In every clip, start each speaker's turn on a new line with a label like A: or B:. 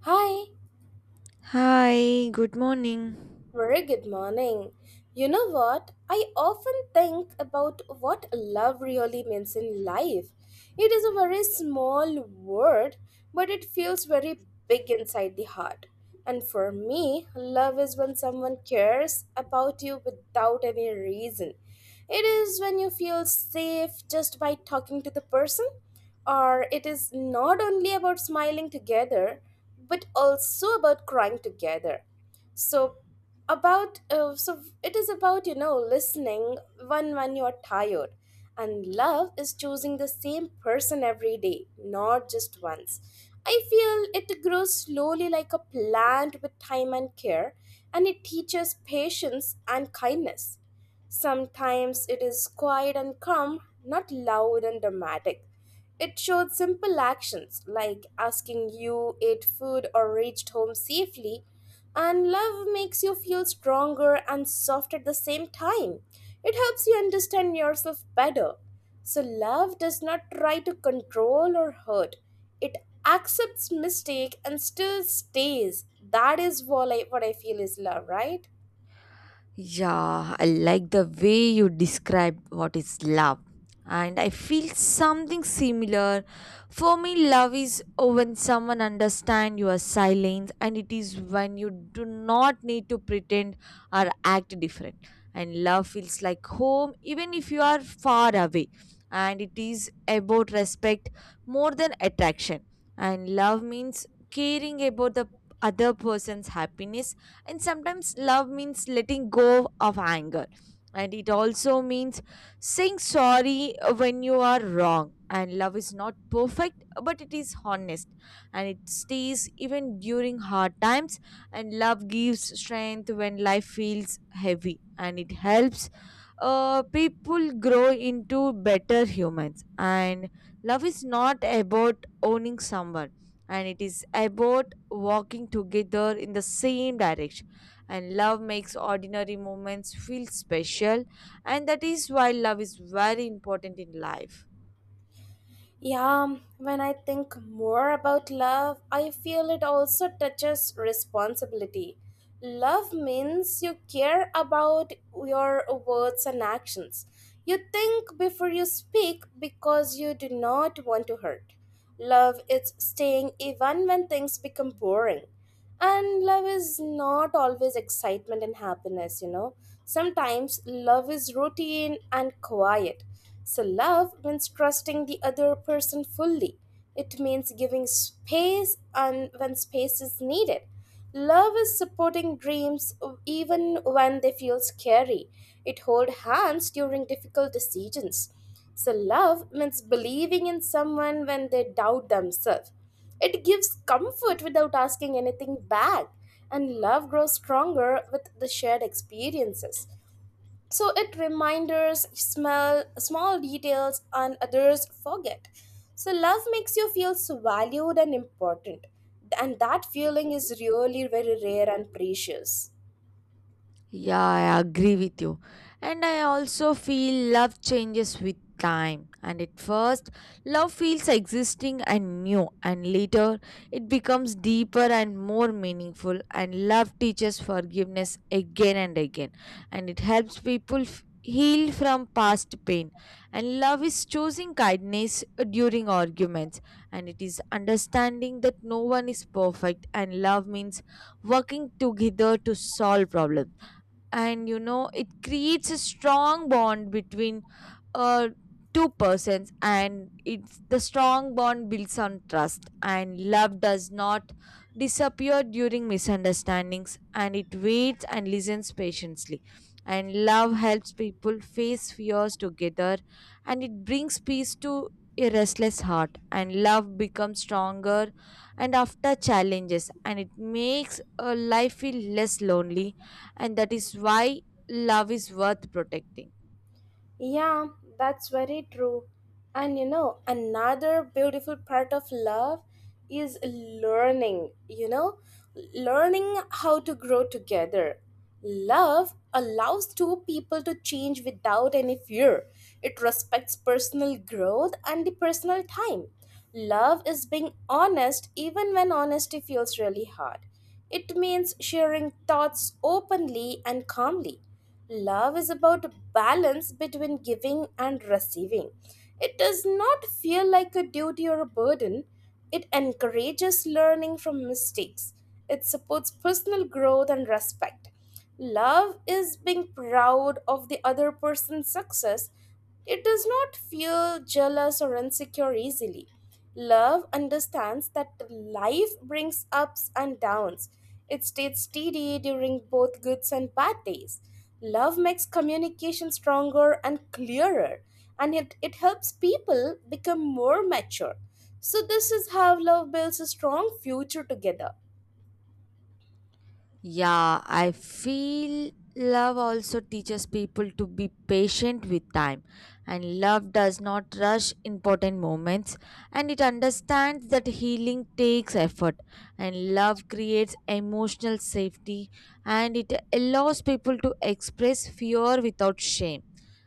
A: Hi.
B: Hi, good morning.
A: Very good morning. You know what? I often think about what love really means in life. It is a very small word, but it feels very big inside the heart. And for me, love is when someone cares about you without any reason. It is when you feel safe just by talking to the person, or it is not only about smiling together, but also about crying together. So so it is about listening when you're tired. And love is choosing the same person every day, not just once. I feel it grows slowly like a plant with time and care, and it teaches patience and kindness. Sometimes it is quiet and calm, not loud and dramatic. It showed simple actions like asking you ate food or reached home safely, and love makes you feel stronger and soft at the same time. It helps you understand yourself better. So, love does not try to control or hurt, it accepts mistake and still stays. That is what I feel is love, right?
B: Yeah, I like the way you described what is love. And I feel something similar. For me, love is when someone understands your silence, and it is when you do not need to pretend or act different. And love feels like home, even if you are far away. And it is about respect more than attraction. And love means caring about the other person's happiness, and sometimes love means letting go of anger, and it also means saying sorry when you are wrong. And love is not perfect, but it is honest, and it stays even during hard times. And love gives strength when life feels heavy, and it helps people grow into better humans. And love is not about owning someone, and it is about walking together in the same direction. And love makes ordinary moments feel special, and that is why love is very important in life.
A: Yeah, when I think more about love, I feel it also touches responsibility. Love means you care about your words and actions. You think before you speak because you do not want to hurt. Love is staying even when things become boring, and love is not always excitement and happiness. Sometimes love is routine and quiet. So, love means trusting the other person fully. It means giving space and when space is needed. Love is supporting dreams even when they feel scary. It holds hands during difficult decisions. So, love means believing in someone when they doubt themselves. It gives comfort without asking anything back. And love grows stronger with the shared experiences. So, it reminders smell small details and others forget. So, love makes you feel so valued and important. And that feeling is really very rare and precious.
B: Yeah, I agree with you. And I also feel love changes with time. And at first, love feels existing and new, and later, it becomes deeper and more meaningful. And love teaches forgiveness again and again, and it helps people. F- heal from past pain, and love is choosing kindness during arguments, and it is understanding that no one is perfect. And love means working together to solve problems, and you know it creates a strong bond between uh, two persons. And it's the strong bond builds on trust, and love does not disappear during misunderstandings, and it waits and listens patiently. And love helps people face fears together, and it brings peace to a restless heart. And love becomes stronger and after challenges, and it makes a life feel less lonely, and that is why love is worth protecting.
A: Yeah, that's very true. And you know, another beautiful part of love is learning how to grow together. Love allows two people to change without any fear. It respects personal growth and the personal time. Love is being honest even when honesty feels really hard. It means sharing thoughts openly and calmly. Love is about balance between giving and receiving. It does not feel like a duty or a burden. It encourages learning from mistakes. It supports personal growth and respect. Love is being proud of the other person's success. It does not feel jealous or insecure easily. Love understands that life brings ups and downs. It stays steady during both good and bad days. Love makes communication stronger and clearer, and it helps people become more mature. So, this is how love builds a strong future together.
B: Yeah, I feel love also teaches people to be patient with time, and love does not rush important moments, and it understands that healing takes effort, and love creates emotional safety, and it allows people to express fear without shame.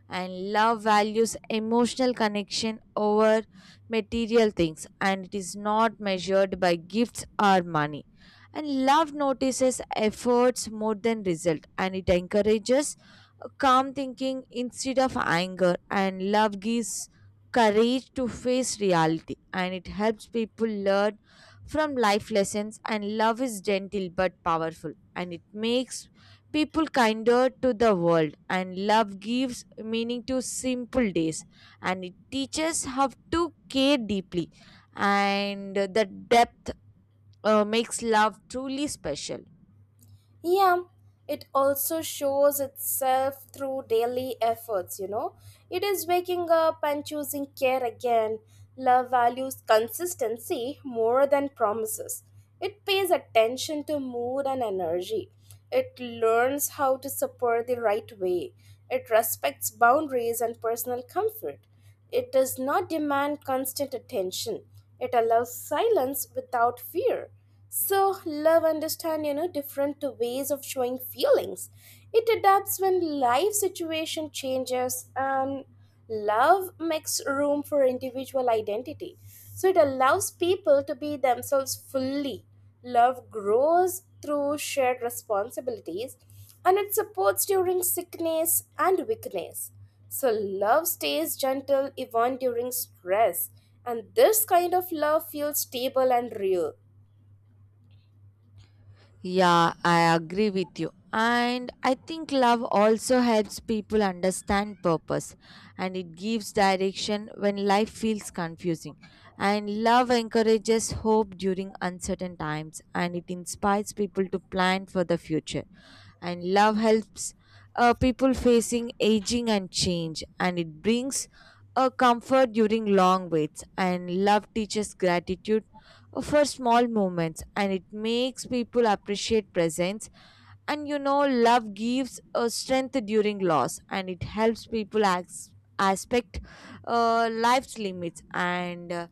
B: And love values emotional connection over material things, and it is not measured by gifts or money. And love notices efforts more than result, and it encourages calm thinking instead of anger. And love gives courage to face reality, and it helps people learn from life lessons. And love is gentle but powerful, and it makes people kinder to the world. And love gives meaning to simple days, and it teaches how to care deeply. And the depth makes love truly special.
A: Yeah, it also shows itself through daily efforts, you know. It is waking up and choosing care again. Love values consistency more than promises. It pays attention to mood and energy. It learns how to support the right way. It respects boundaries and personal comfort. It does not demand constant attention. It allows silence without fear. So, love understand, you know, different ways of showing feelings. It adapts when life situation changes, and love makes room for individual identity. So, it allows people to be themselves fully. Love grows through shared responsibilities, and it supports during sickness and weakness. So, love stays gentle even during stress, and this kind of love feels stable and real.
B: Yeah, I agree with you. And I think love also helps people understand purpose, and it gives direction when life feels confusing. And love encourages hope during uncertain times, and it inspires people to plan for the future. And love helps people facing aging and change, and it brings a comfort during long waits. And love teaches gratitude for small moments, and it makes people appreciate presence. And you know love gives a strength during loss, and it helps people as aspect life's limits. And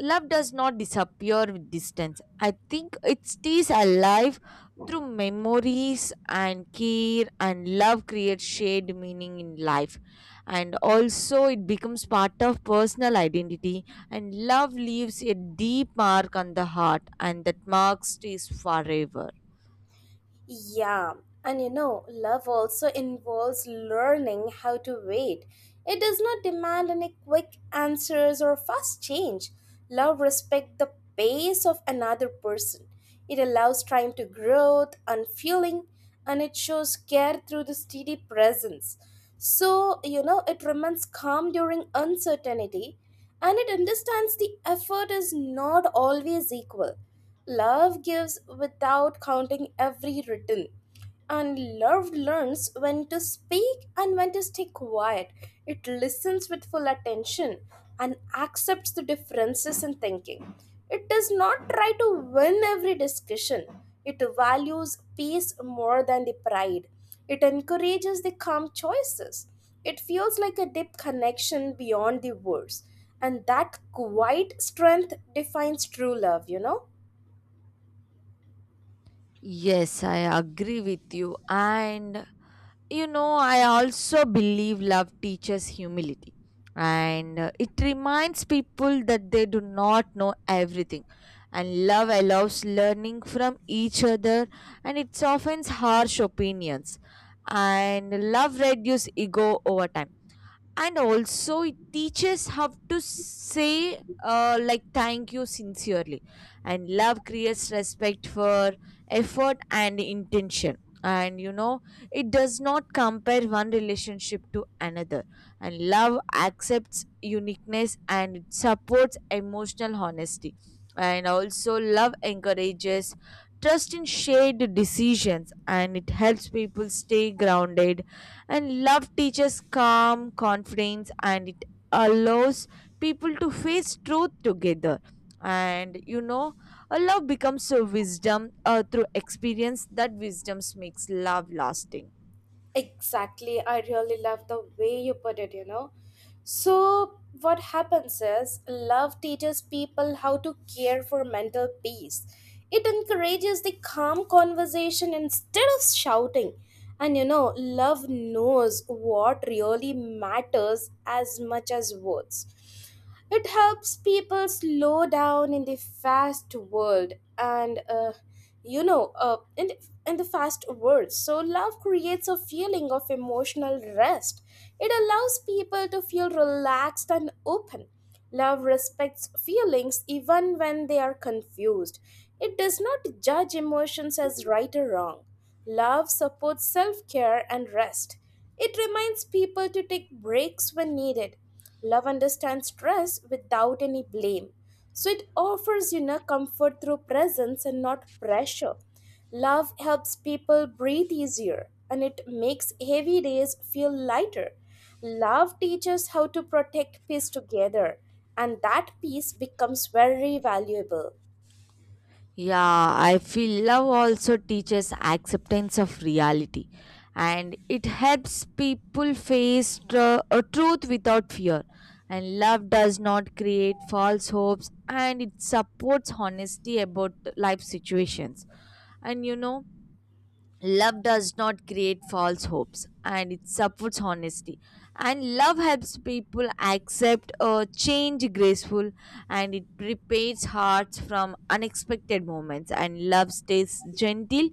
B: love does not disappear with distance. I think it stays alive through memories and care, and love creates shared meaning in life. And also, it becomes part of personal identity. And love leaves a deep mark on the heart, and that mark stays forever.
A: Yeah, and you know, love also involves learning how to wait. It does not demand any quick answers or fast change. Love respects the pace of another person. It allows time to growth and feeling, and it shows care through the steady presence. So, you know, it remains calm during uncertainty, and it understands the effort is not always equal. Love gives without counting every return. And love learns when to speak and when to stay quiet. It listens with full attention and accepts the differences in thinking. It does not try to win every discussion. It values peace more than the pride. It encourages the calm choices. It feels like a deep connection beyond the words. And that quiet strength defines true love, you know?
B: Yes, I agree with you. And you know I also believe love teaches humility, and it reminds people that they do not know everything. And love allows learning from each other, and it softens harsh opinions. And love reduces ego over time, and also it teaches how to say like thank you sincerely. And love creates respect for effort and intention, and you know it does not compare one relationship to another. And love accepts uniqueness, and it supports emotional honesty. And also love encourages trust in shared decisions, and it helps people stay grounded. And love teaches calm confidence, and it allows people to face truth together. And you know a love becomes a wisdom through experience. That wisdom makes love lasting.
A: Exactly. I really love the way you put it, you know. So, what happens is love teaches people how to care for mental peace. It encourages the calm conversation instead of shouting. And you know, love knows what really matters as much as words. It helps people slow down in the fast world. And you know in the fast world. So, love creates a feeling of emotional rest. It allows people to feel relaxed and open. Love respects feelings even when they are confused. It does not judge emotions as right or wrong. Love supports self care and rest. It reminds people to take breaks when needed. Love understands stress without any blame. So, it offers, you know, comfort through presence and not pressure. Love helps people breathe easier, and it makes heavy days feel lighter. Love teaches how to protect peace together, and that peace becomes very valuable.
B: Yeah, I feel love also teaches acceptance of reality, and it helps people face a truth without fear. And love does not create false hopes, and it supports honesty about life situations. And you know, love does not create false hopes, and it supports honesty. And love helps people accept a change graceful, and it prepares hearts from unexpected moments. And love stays gentle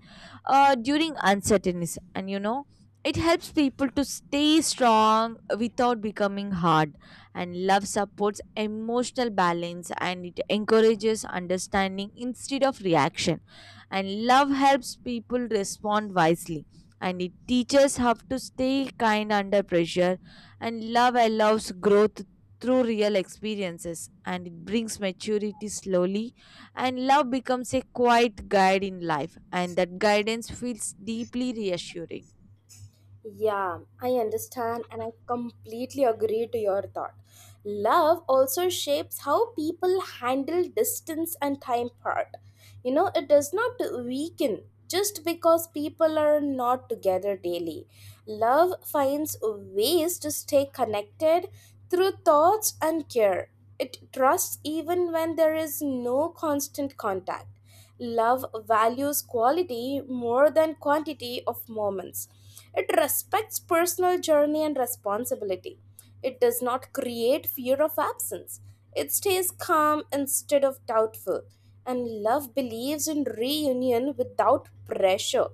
B: during uncertainties, and you know it helps people to stay strong without becoming hard. And love supports emotional balance, and it encourages understanding instead of reaction. And love helps people respond wisely, and it teaches how to stay kind under pressure. And love allows growth through real experiences, and it brings maturity slowly. And love becomes a quiet guide in life, and that guidance feels deeply reassuring.
A: Yeah, I understand, and I completely agree to your thought. Love also shapes how people handle distance and time apart. You know, it does not weaken just because people are not together daily. Love finds ways to stay connected through thoughts and care. It trusts even when there is no constant contact. Love values quality more than quantity of moments. It respects personal journey and responsibility. It does not create fear of absence. It stays calm instead of doubtful. And love believes in reunion without pressure.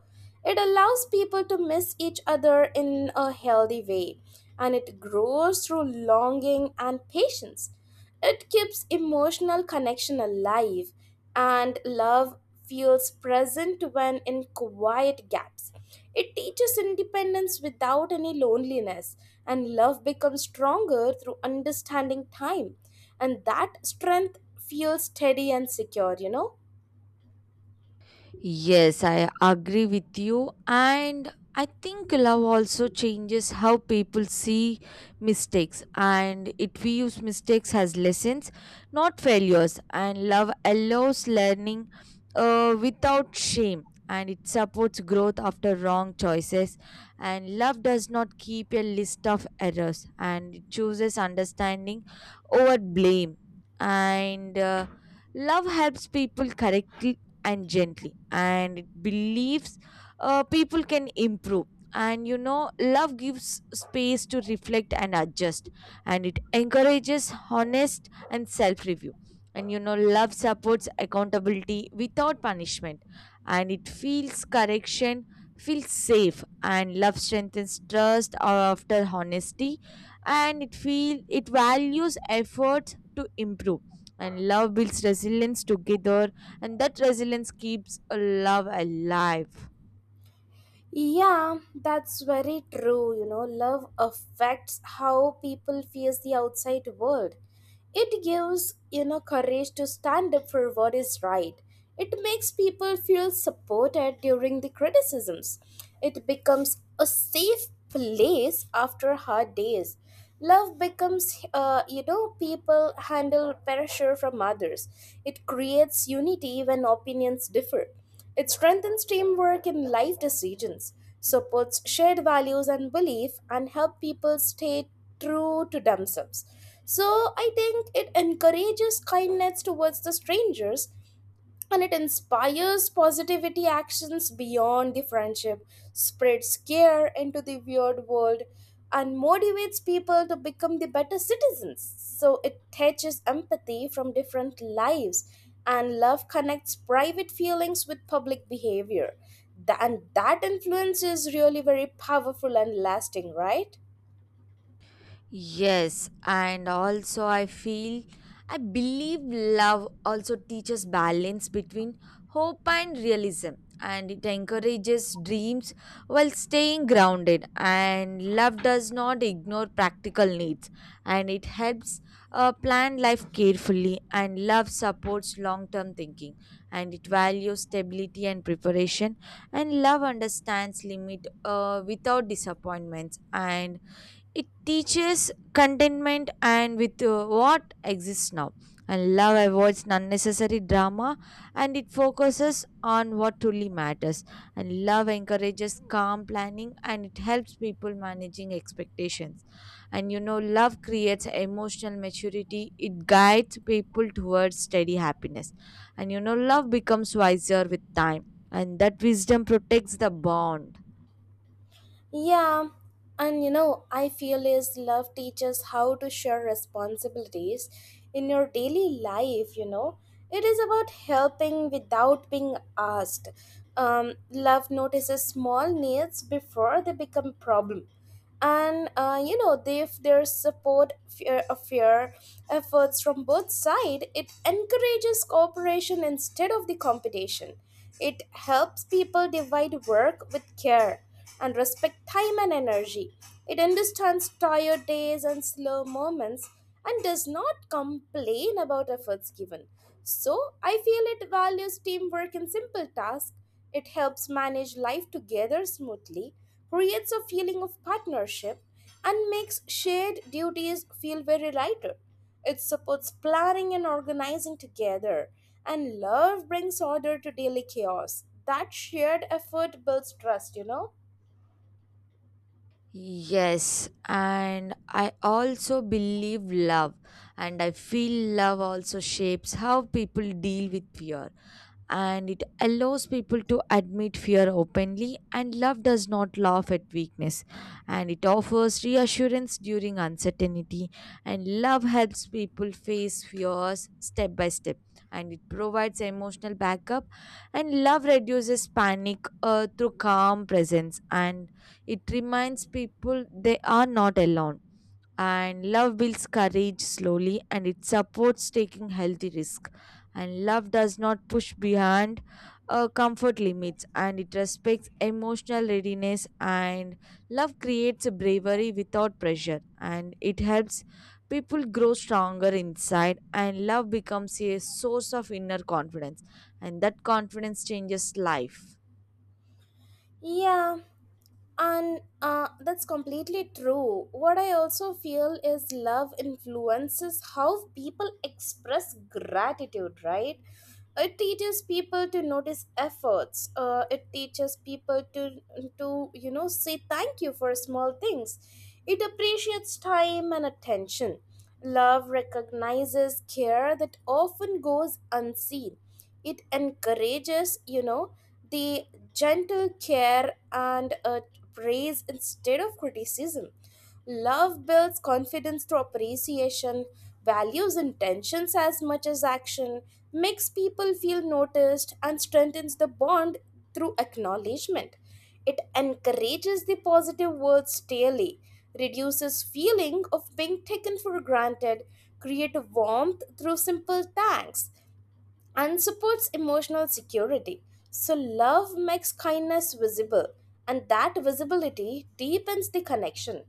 A: It allows people to miss each other in a healthy way. And it grows through longing and patience. It keeps emotional connection alive. And love feels present when in quiet gaps. It teaches independence without any loneliness, and love becomes stronger through understanding time. And that strength feels steady and secure, you know.
B: Yes, I agree with you. And I think love also changes how people see mistakes, and it views mistakes as lessons, not failures. And love allows learning without shame, and it supports growth after wrong choices. And love does not keep a list of errors, and it chooses understanding over blame. And love helps people correct and gently, and it believes people can improve. And you know love gives space to reflect and adjust, and it encourages honest and self review. And you know love supports accountability without punishment, and it feels correction feels safe. And love strengthens trust after honesty, and it values effort to improve. And love builds resilience together, and that resilience keeps a love alive.
A: Yeah, that's very true. You know, love affects how people face the outside world. It gives, you know, courage to stand up for what is right. It makes people feel supported during the criticisms. It becomes a safe place after hard days. Love becomes, people handle pressure from others. It creates unity when opinions differ. It strengthens teamwork in life decisions, supports shared values and belief, and help people stay true to themselves. So, I think it encourages kindness towards the strangers, and it inspires positivity actions beyond the friendship, spreads care into the weird world, and motivates people to become the better citizens. So, it teaches empathy from different lives, and love connects private feelings with public behavior. And that influence is really very powerful and lasting, right?
B: Yes, and also I feel I believe love also teaches balance between hope and realism, and it encourages dreams while staying grounded. And love does not ignore practical needs, and it helps plan life carefully. And love supports long term thinking, and it values stability and preparation. And love understands limit without disappointments, and it teaches contentment and with what exists now. And love avoids unnecessary drama, and it focuses on what truly matters. And love encourages calm planning, and it helps people managing expectations. And you know, love creates emotional maturity. It guides people towards steady happiness. And you know, love becomes wiser with time, and that wisdom protects the bond.
A: Yeah, and you know, I feel is love teaches how to share responsibilities in your daily life, you know. It is about helping without being asked. Love notices small needs before they become problem and if there's support fear of fear efforts from both sides, it encourages cooperation instead of the competition. It helps people divide work with care and respect time and energy. It understands tired days and slow moments and does not complain about efforts given. So, I feel it values teamwork in simple tasks. It helps manage life together smoothly, creates a feeling of partnership, and makes shared duties feel very lighter. It supports planning and organizing together, and love brings order to daily chaos. That shared effort builds trust, you know?
B: Yes, and I also believe love, and I feel love also shapes how people deal with fear, and it allows people to admit fear openly. And love does not laugh at weakness, and it offers reassurance during uncertainty. And love helps people face fears step by step, and it provides emotional backup. And love reduces panic through calm presence, and it reminds people they are not alone. And love builds courage slowly, and it supports taking healthy risk. And love does not push beyond comfort limits, and it respects emotional readiness. And love creates bravery without pressure, and it helps people grow stronger inside. And love becomes a source of inner confidence, and that confidence changes life.
A: Yeah, and that's completely true. What I also feel is love influences how people express gratitude, right? It teaches people to notice efforts. It teaches people to say thank you for small things. It appreciates time and attention. Love recognizes care that often goes unseen. It encourages the gentle care and praise instead of criticism. Love builds confidence through appreciation, values intentions as much as action, makes people feel noticed, and strengthens the bond through acknowledgement. It encourages the positive words daily, reduces feeling of being taken for granted, create warmth through simple thanks, and supports emotional security. So, love makes kindness visible, and that visibility deepens the connection.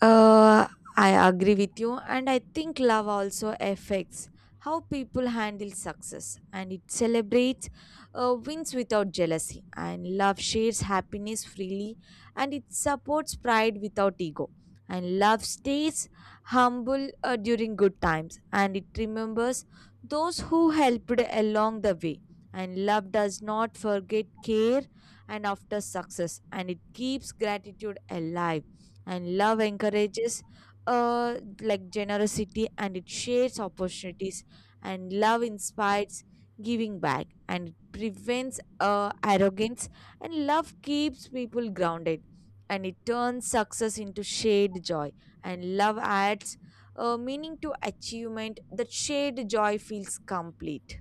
B: Uh, I agree with you, and I think love also affects how people handle success, and it celebrates wins without jealousy. And love shares happiness freely, and it supports pride without ego. And love stays humble during good times, and it remembers those who helped along the way. And love does not forget care and after success, and it keeps gratitude alive. And love encourages uh like generosity, and it shares opportunities. And love inspires giving back, and it prevents arrogance. And love keeps people grounded, and it turns success into shared joy. And love adds meaning to achievement. That shared joy feels complete.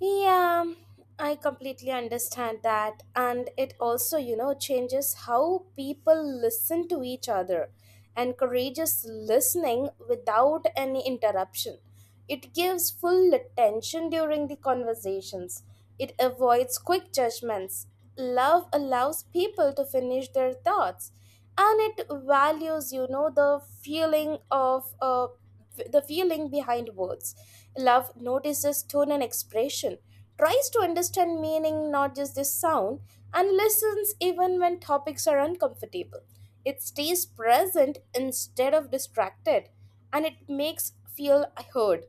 A: Yeah, I completely understand that, and it also, you know, changes how people listen to each other, encourages listening without any interruption. It gives full attention during the conversations. It avoids quick judgments. Love allows people to finish their thoughts, and it values the feeling behind words. Love notices tone and expression, tries to understand meaning, not just the sound, and listens even when topics are uncomfortable. It stays present instead of distracted, and it makes feel heard.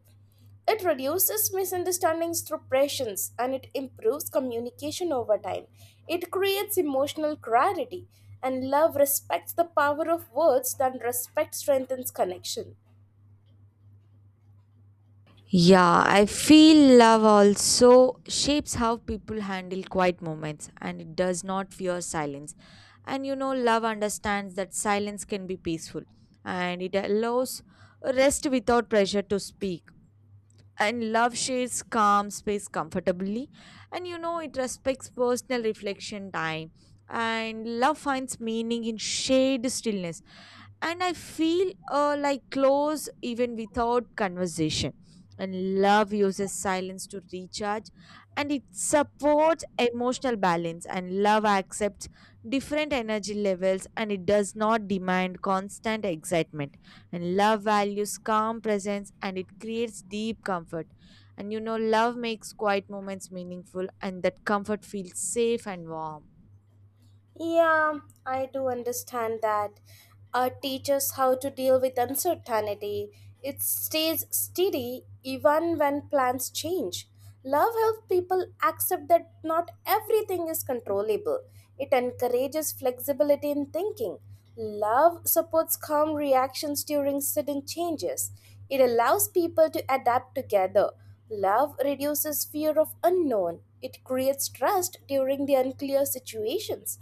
A: It reduces misunderstandings through patience, and it improves communication over time. It creates emotional clarity, and love respects the power of words than respect strengthens connection.
B: Yeah, I feel love also shapes how people handle quiet moments, and it does not fear silence. And you know, love understands that silence can be peaceful, and it allows rest without pressure to speak. And love shades calm space comfortably, and you know, it respects personal reflection time. And love finds meaning in shade stillness, and I feel like close even without conversation. And love uses silence to recharge, and it supports emotional balance. And love accepts different energy levels, and it does not demand constant excitement. And love values calm presence, and it creates deep comfort. And you know, love makes quiet moments meaningful, and that comfort feels safe and warm.
A: Yeah, I do understand that. Art teaches how to deal with uncertainty. It stays steady even when plans change. Love helps people accept that not everything is controllable. It encourages flexibility in thinking. Love supports calm reactions during sudden changes. It allows people to adapt together. Love reduces fear of unknown. It creates trust during the unclear situations.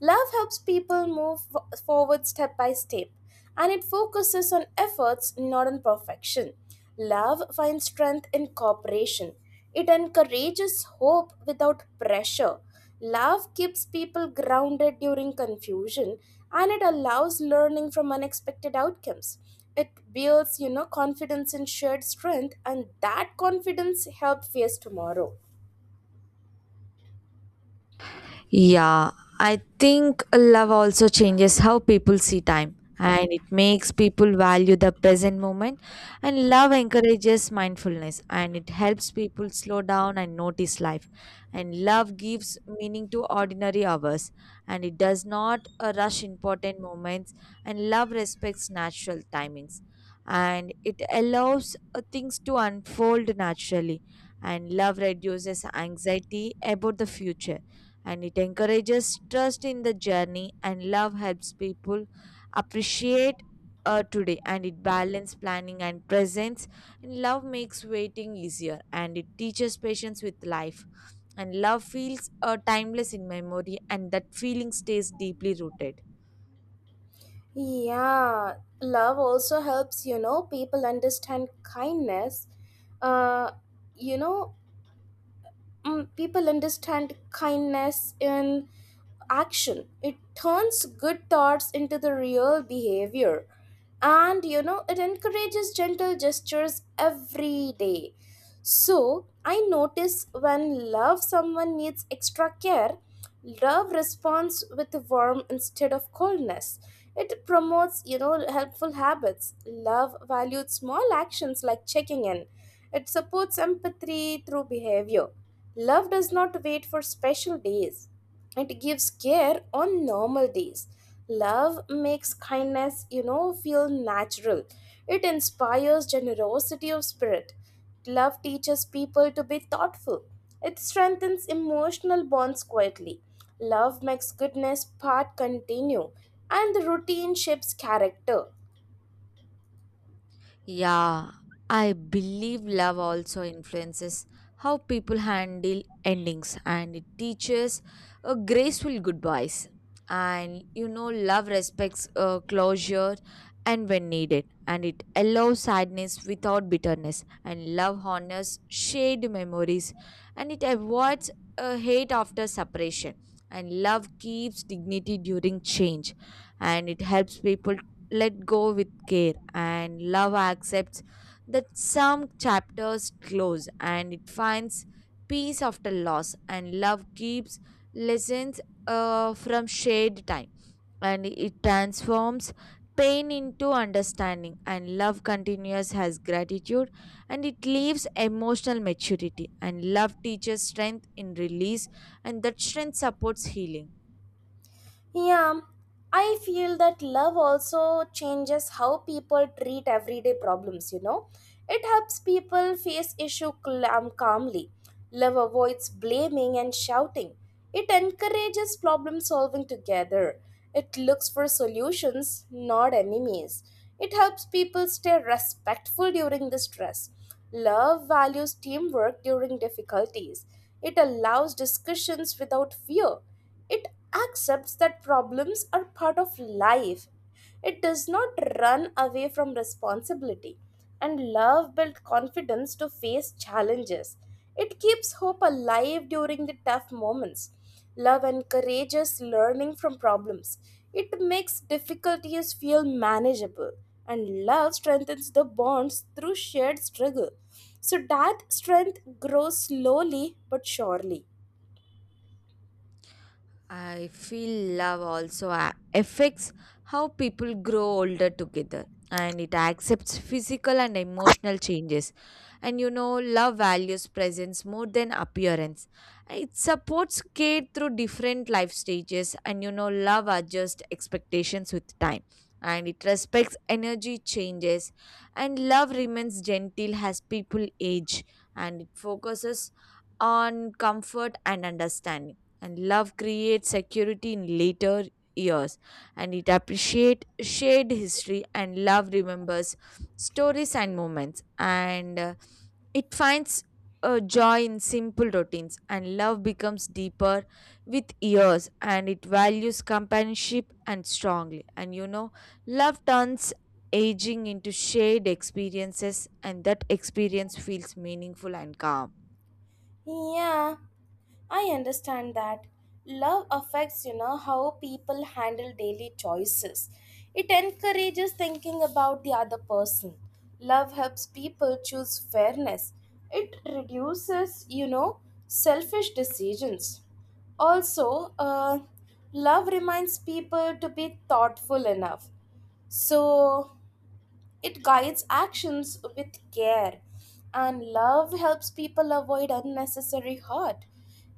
A: Love helps people move forward step by step and it focuses on efforts, not on perfection. Love finds strength in cooperation. It encourages hope without pressure. Love keeps people grounded during confusion and it allows learning from unexpected outcomes. It builds, confidence in shared strength, and that confidence helps face tomorrow.
B: Yeah, I think love also changes how people see time, and it makes people value the present moment. And love encourages mindfulness, and it helps people slow down and notice life. And love gives meaning to ordinary hours, and it does not rush important moments. And love respects natural timings, and it allows things to unfold naturally. And love reduces anxiety about the future, and it encourages trust in the journey. And love helps people appreciate today, and it balance planning and presence. And love makes waiting easier, and it teaches patience with life. And love feels timeless in memory, and that feeling stays deeply rooted.
A: Yeah, love also helps, people understand kindness. Uh, you know, people understand kindness in action. It turns good thoughts into the real behavior. And it encourages gentle gestures every day. So, I notice when love someone needs extra care, love responds with warmth instead of coldness. It promotes, helpful habits. Love values small actions like checking in. It supports empathy through behavior. Love does not wait for special days, it gives care on normal days. Love makes kindness, feel natural. It inspires generosity of spirit. Love teaches people to be thoughtful. It strengthens emotional bonds quietly. Love makes goodness part continue, and the routine shapes character.
B: Yeah, I believe love also influences how people handle endings, and it teaches a graceful goodbyes. And you know, love respects closure and when needed, and it allows sadness without bitterness. And love honors shared memories, and it avoids hate after separation. And love keeps dignity during change, and it helps people let go with care. And love accepts that some chapters close, and it finds peace after loss. And love keeps lessons from shared time, and it transforms pain into understanding. And love continues has gratitude, and it leaves emotional maturity. And love teaches strength in release, and that strength supports healing.
A: Yeah, I feel that love also changes how people treat everyday problems. It helps people face issue calmly. Love avoids blaming and shouting. It encourages problem solving together. It looks for solutions, not enemies. It helps people stay respectful during the stress. Love values teamwork during difficulties. It allows discussions without fear. It accepts that problems are part of life. It does not run away from responsibility. And love builds confidence to face challenges. It keeps hope alive during the tough moments. Love encourages learning from problems. It makes difficulties feel manageable, and love strengthens the bonds through shared struggle. So that strength grows slowly but surely.
B: I feel love also affects how people grow older together, and it accepts physical and emotional changes. And you know, love values presence more than appearance. It supports care through different life stages, and you know, love adjusts expectations with time. And it respects energy changes, and love remains gentle as people age, and it focuses on comfort and understanding. And love creates security in later years, and it appreciates shared history. And love remembers stories and moments, and it finds joy in simple routines. And love becomes deeper with years, and it values companionship and strongly. And you know, love turns aging into shared experiences, and that experience feels meaningful and calm.
A: Yeah, I understand that. Love affects, how people handle daily choices. It encourages thinking about the other person. Love helps people choose fairness. It reduces, selfish decisions. Also, love reminds people to be thoughtful enough. So, it guides actions with care, and love helps people avoid unnecessary hurt.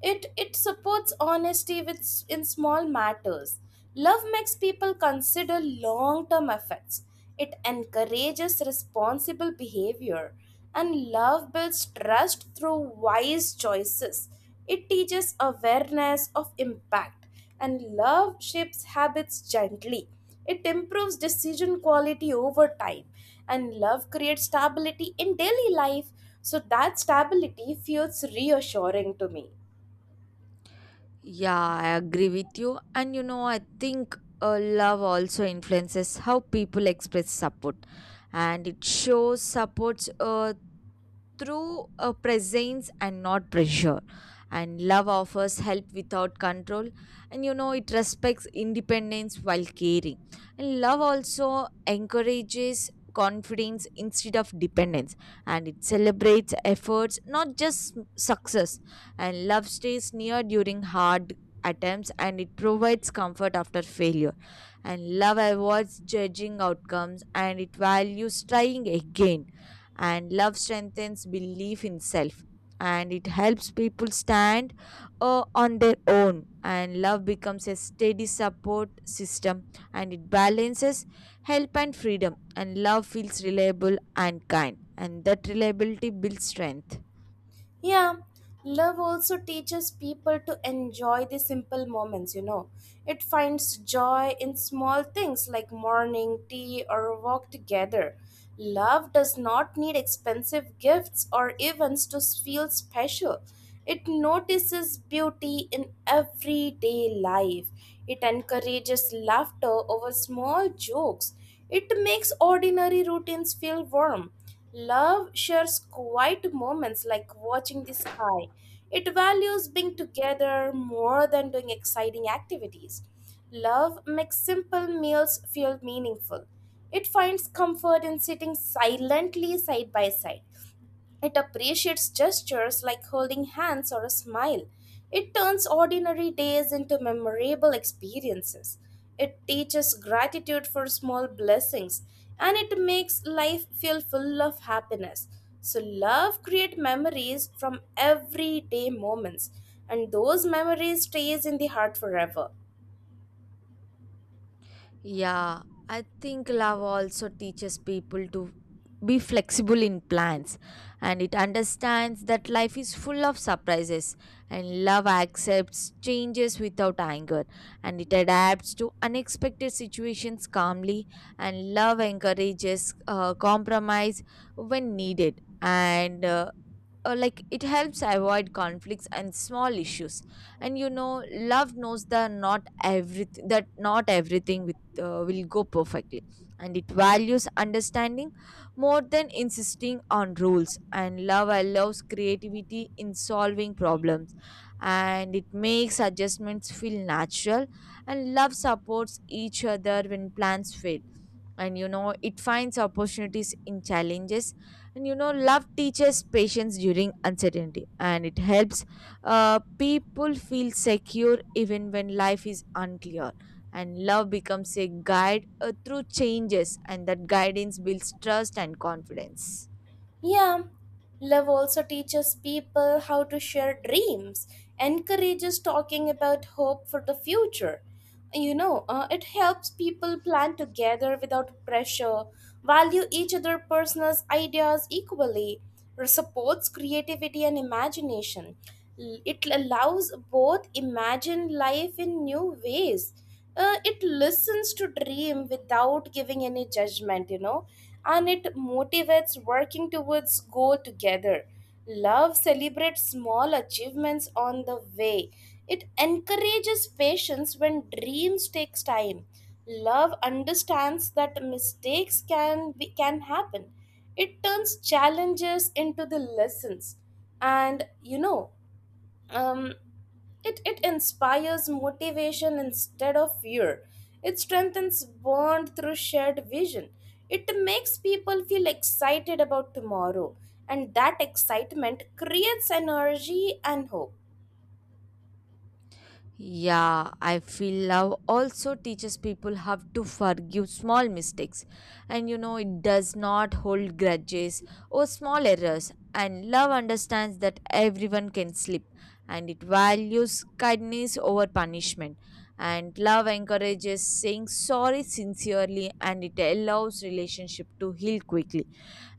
A: It supports honesty with, in small matters. Love makes people consider long term effects. It encourages responsible behavior, and love builds trust through wise choices. It teaches awareness of impact and love shapes habits gently. It improves decision quality over time, and love creates stability in daily life. So, that stability feels reassuring to me.
B: Yeah, I agree with you. And you know, I think love also influences how people express support, and it shows supports through a presence and not pressure. And love offers help without control, and you know, it respects independence while caring. And love also encourages confidence instead of dependence, and it celebrates efforts not just success. And love stays near during hard attempts, and it provides comfort after failure. And love avoids judging outcomes, and it values trying again. And love strengthens belief in self, and it helps people stand on their own. And love becomes a steady support system, and it balances help and freedom. And love feels reliable and kind, and that reliability builds strength.
A: Yeah, love also teaches people to enjoy the simple moments. It finds joy in small things like morning tea or a walk together. Love does not need expensive gifts or events to feel special. It notices beauty in everyday life. It encourages laughter over small jokes. It makes ordinary routines feel warm. Love shares quiet moments like watching the sky. It values being together more than doing exciting activities. Love makes simple meals feel meaningful. It finds comfort in sitting silently side by side. It appreciates gestures like holding hands or a smile. It turns ordinary days into memorable experiences. It teaches gratitude for small blessings and it makes life feel full of happiness. So, love creates memories from everyday moments, and those memories stays in the heart forever.
B: Yeah, I think love also teaches people to be flexible in plans, and it understands that life is full of surprises. And love accepts changes without anger, and it adapts to unexpected situations calmly. And love encourages compromise when needed, and like it helps avoid conflicts and small issues. And you know, love knows that not everything with will go perfectly, and it values understanding more than insisting on rules. And love allows creativity in solving problems, and it makes adjustments feel natural. And love supports each other when plans fail, and you know, it finds opportunities in challenges. And you know, love teaches patience during uncertainty, and it helps people feel secure even when life is unclear. And love becomes a guide through changes, and that guidance builds trust and confidence.
A: Yeah, love also teaches people how to share dreams, encourages talking about hope for the future. It helps people plan together without pressure, value each other's personal ideas equally, or supports creativity and imagination. It allows both imagine life in new ways. Uh, it listens to dream without giving any judgment. And it motivates working towards goal together. Love celebrates small achievements on the way. It encourages patience when dreams takes time. Love understands that can happen. It turns challenges into the lessons. And you know um, it, it inspires motivation instead of fear. It strengthens bond through shared vision. It makes people feel excited about tomorrow, and that excitement creates energy and hope.
B: Yeah, I feel love also teaches people how to forgive small mistakes. And you know, it does not hold grudges or small errors. And love understands that everyone can slip, and it values kindness over punishment. And love encourages saying sorry sincerely, and it allows relationship to heal quickly.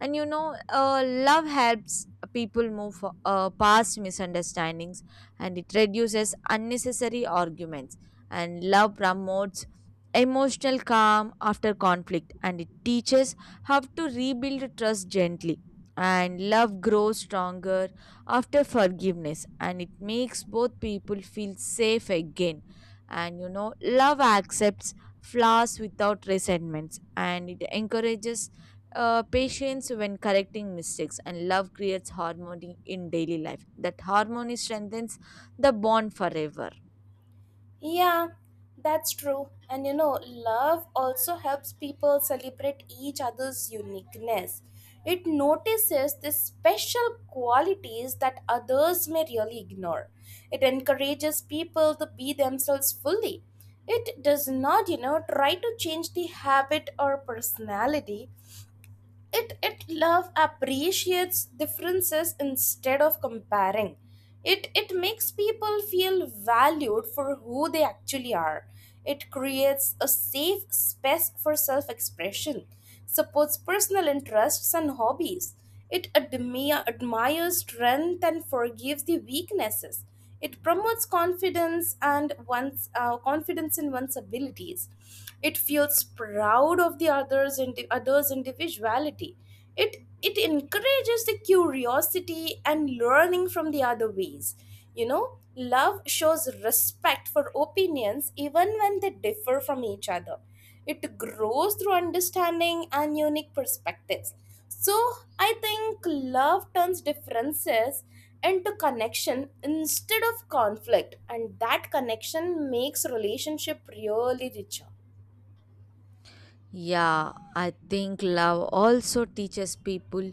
B: And you know, love helps people move past misunderstandings, and it reduces unnecessary arguments. And love promotes emotional calm after conflict, and it teaches how to rebuild trust gently. And love grows stronger after forgiveness, and it makes both people feel safe again. And you know, love accepts flaws without resentments, and it encourages patience when correcting mistakes. And love creates harmony in daily life, that harmony strengthens the bond forever.
A: Yeah, that's true. And love also helps people celebrate each other's uniqueness. It notices the special qualities that others may really ignore. It encourages people to be themselves fully. It does not, try to change the habit or personality. It Love appreciates differences instead of comparing. It makes people feel valued for who they actually are. It creates a safe space for self expression, supports personal interests and hobbies. It admires strength and forgives the weaknesses. It promotes confidence in one's abilities. It feels proud of the others and the others individuality. It it encourages the curiosity and learning from the other ways. you know Love shows respect for opinions even when they differ from each other. It grows through understanding and unique perspectives. So, I think love turns differences into connection instead of conflict, and that connection makes relationship really richer.
B: Yeah, I think love also teaches people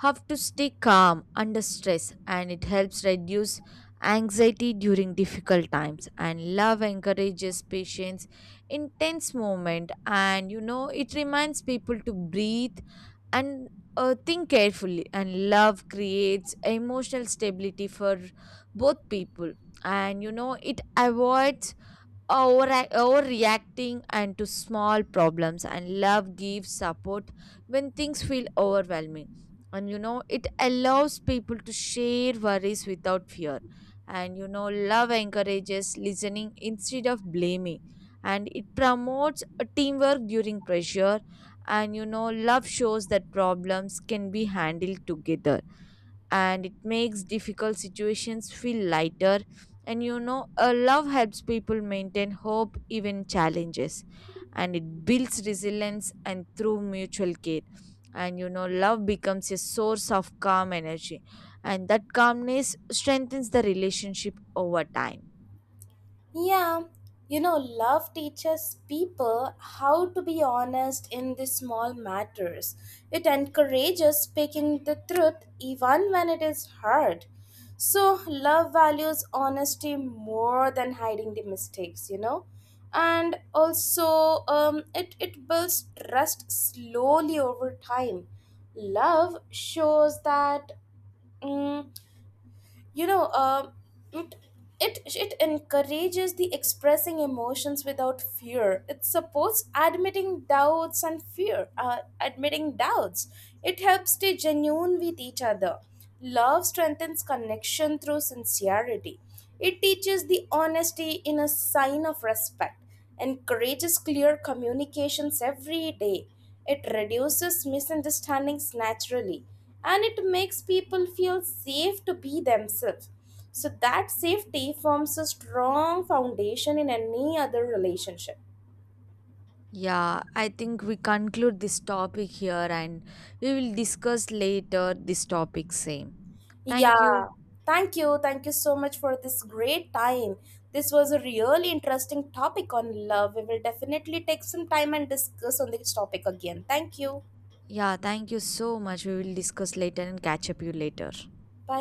B: how to stay calm under stress, and it helps reduce anxiety during difficult times. And love encourages patience in tense moment, and you know, it reminds people to breathe and think carefully. And love creates emotional stability for both people, and you know, it avoids over overreacting and to small problems. And love gives support when things feel overwhelming, and you know, it allows people to share worries without fear. And you know, love encourages listening instead of blaming, and it promotes a teamwork during pressure. And you know, love shows that problems can be handled together, and it makes difficult situations feel lighter. And you know, a love helps people maintain hope even challenges, and it builds resilience and through mutual care. And you know, love becomes a source of calm energy, and that calmness strengthens the relationship over time.
A: Yeah, love teaches people how to be honest in the small matters. It encourages speaking the truth even when it is hard. So, love values honesty more than hiding the mistakes. And also, it builds trust slowly over time. Love shows that. mm you know um it it it encourages the expressing emotions without fear. It supports admitting doubts. It helps stay genuine with each other. Love strengthens connection through sincerity. It teaches the honesty in a sign of respect, encourages clear communications every day. It reduces misunderstandings naturally and it makes people feel safe to be themselves. So, that safety forms a strong foundation in any other relationship.
B: Yeah, I think we conclude this topic here, and we will discuss later this topic same. Thank you.
A: Yeah, thank you. Thank you so much for this great time. This was a really interesting topic on love. We will definitely take some time and discuss on this topic again. Thank you.
B: Yeah, thank you so much. We will discuss later and catch up you later.
A: Bye.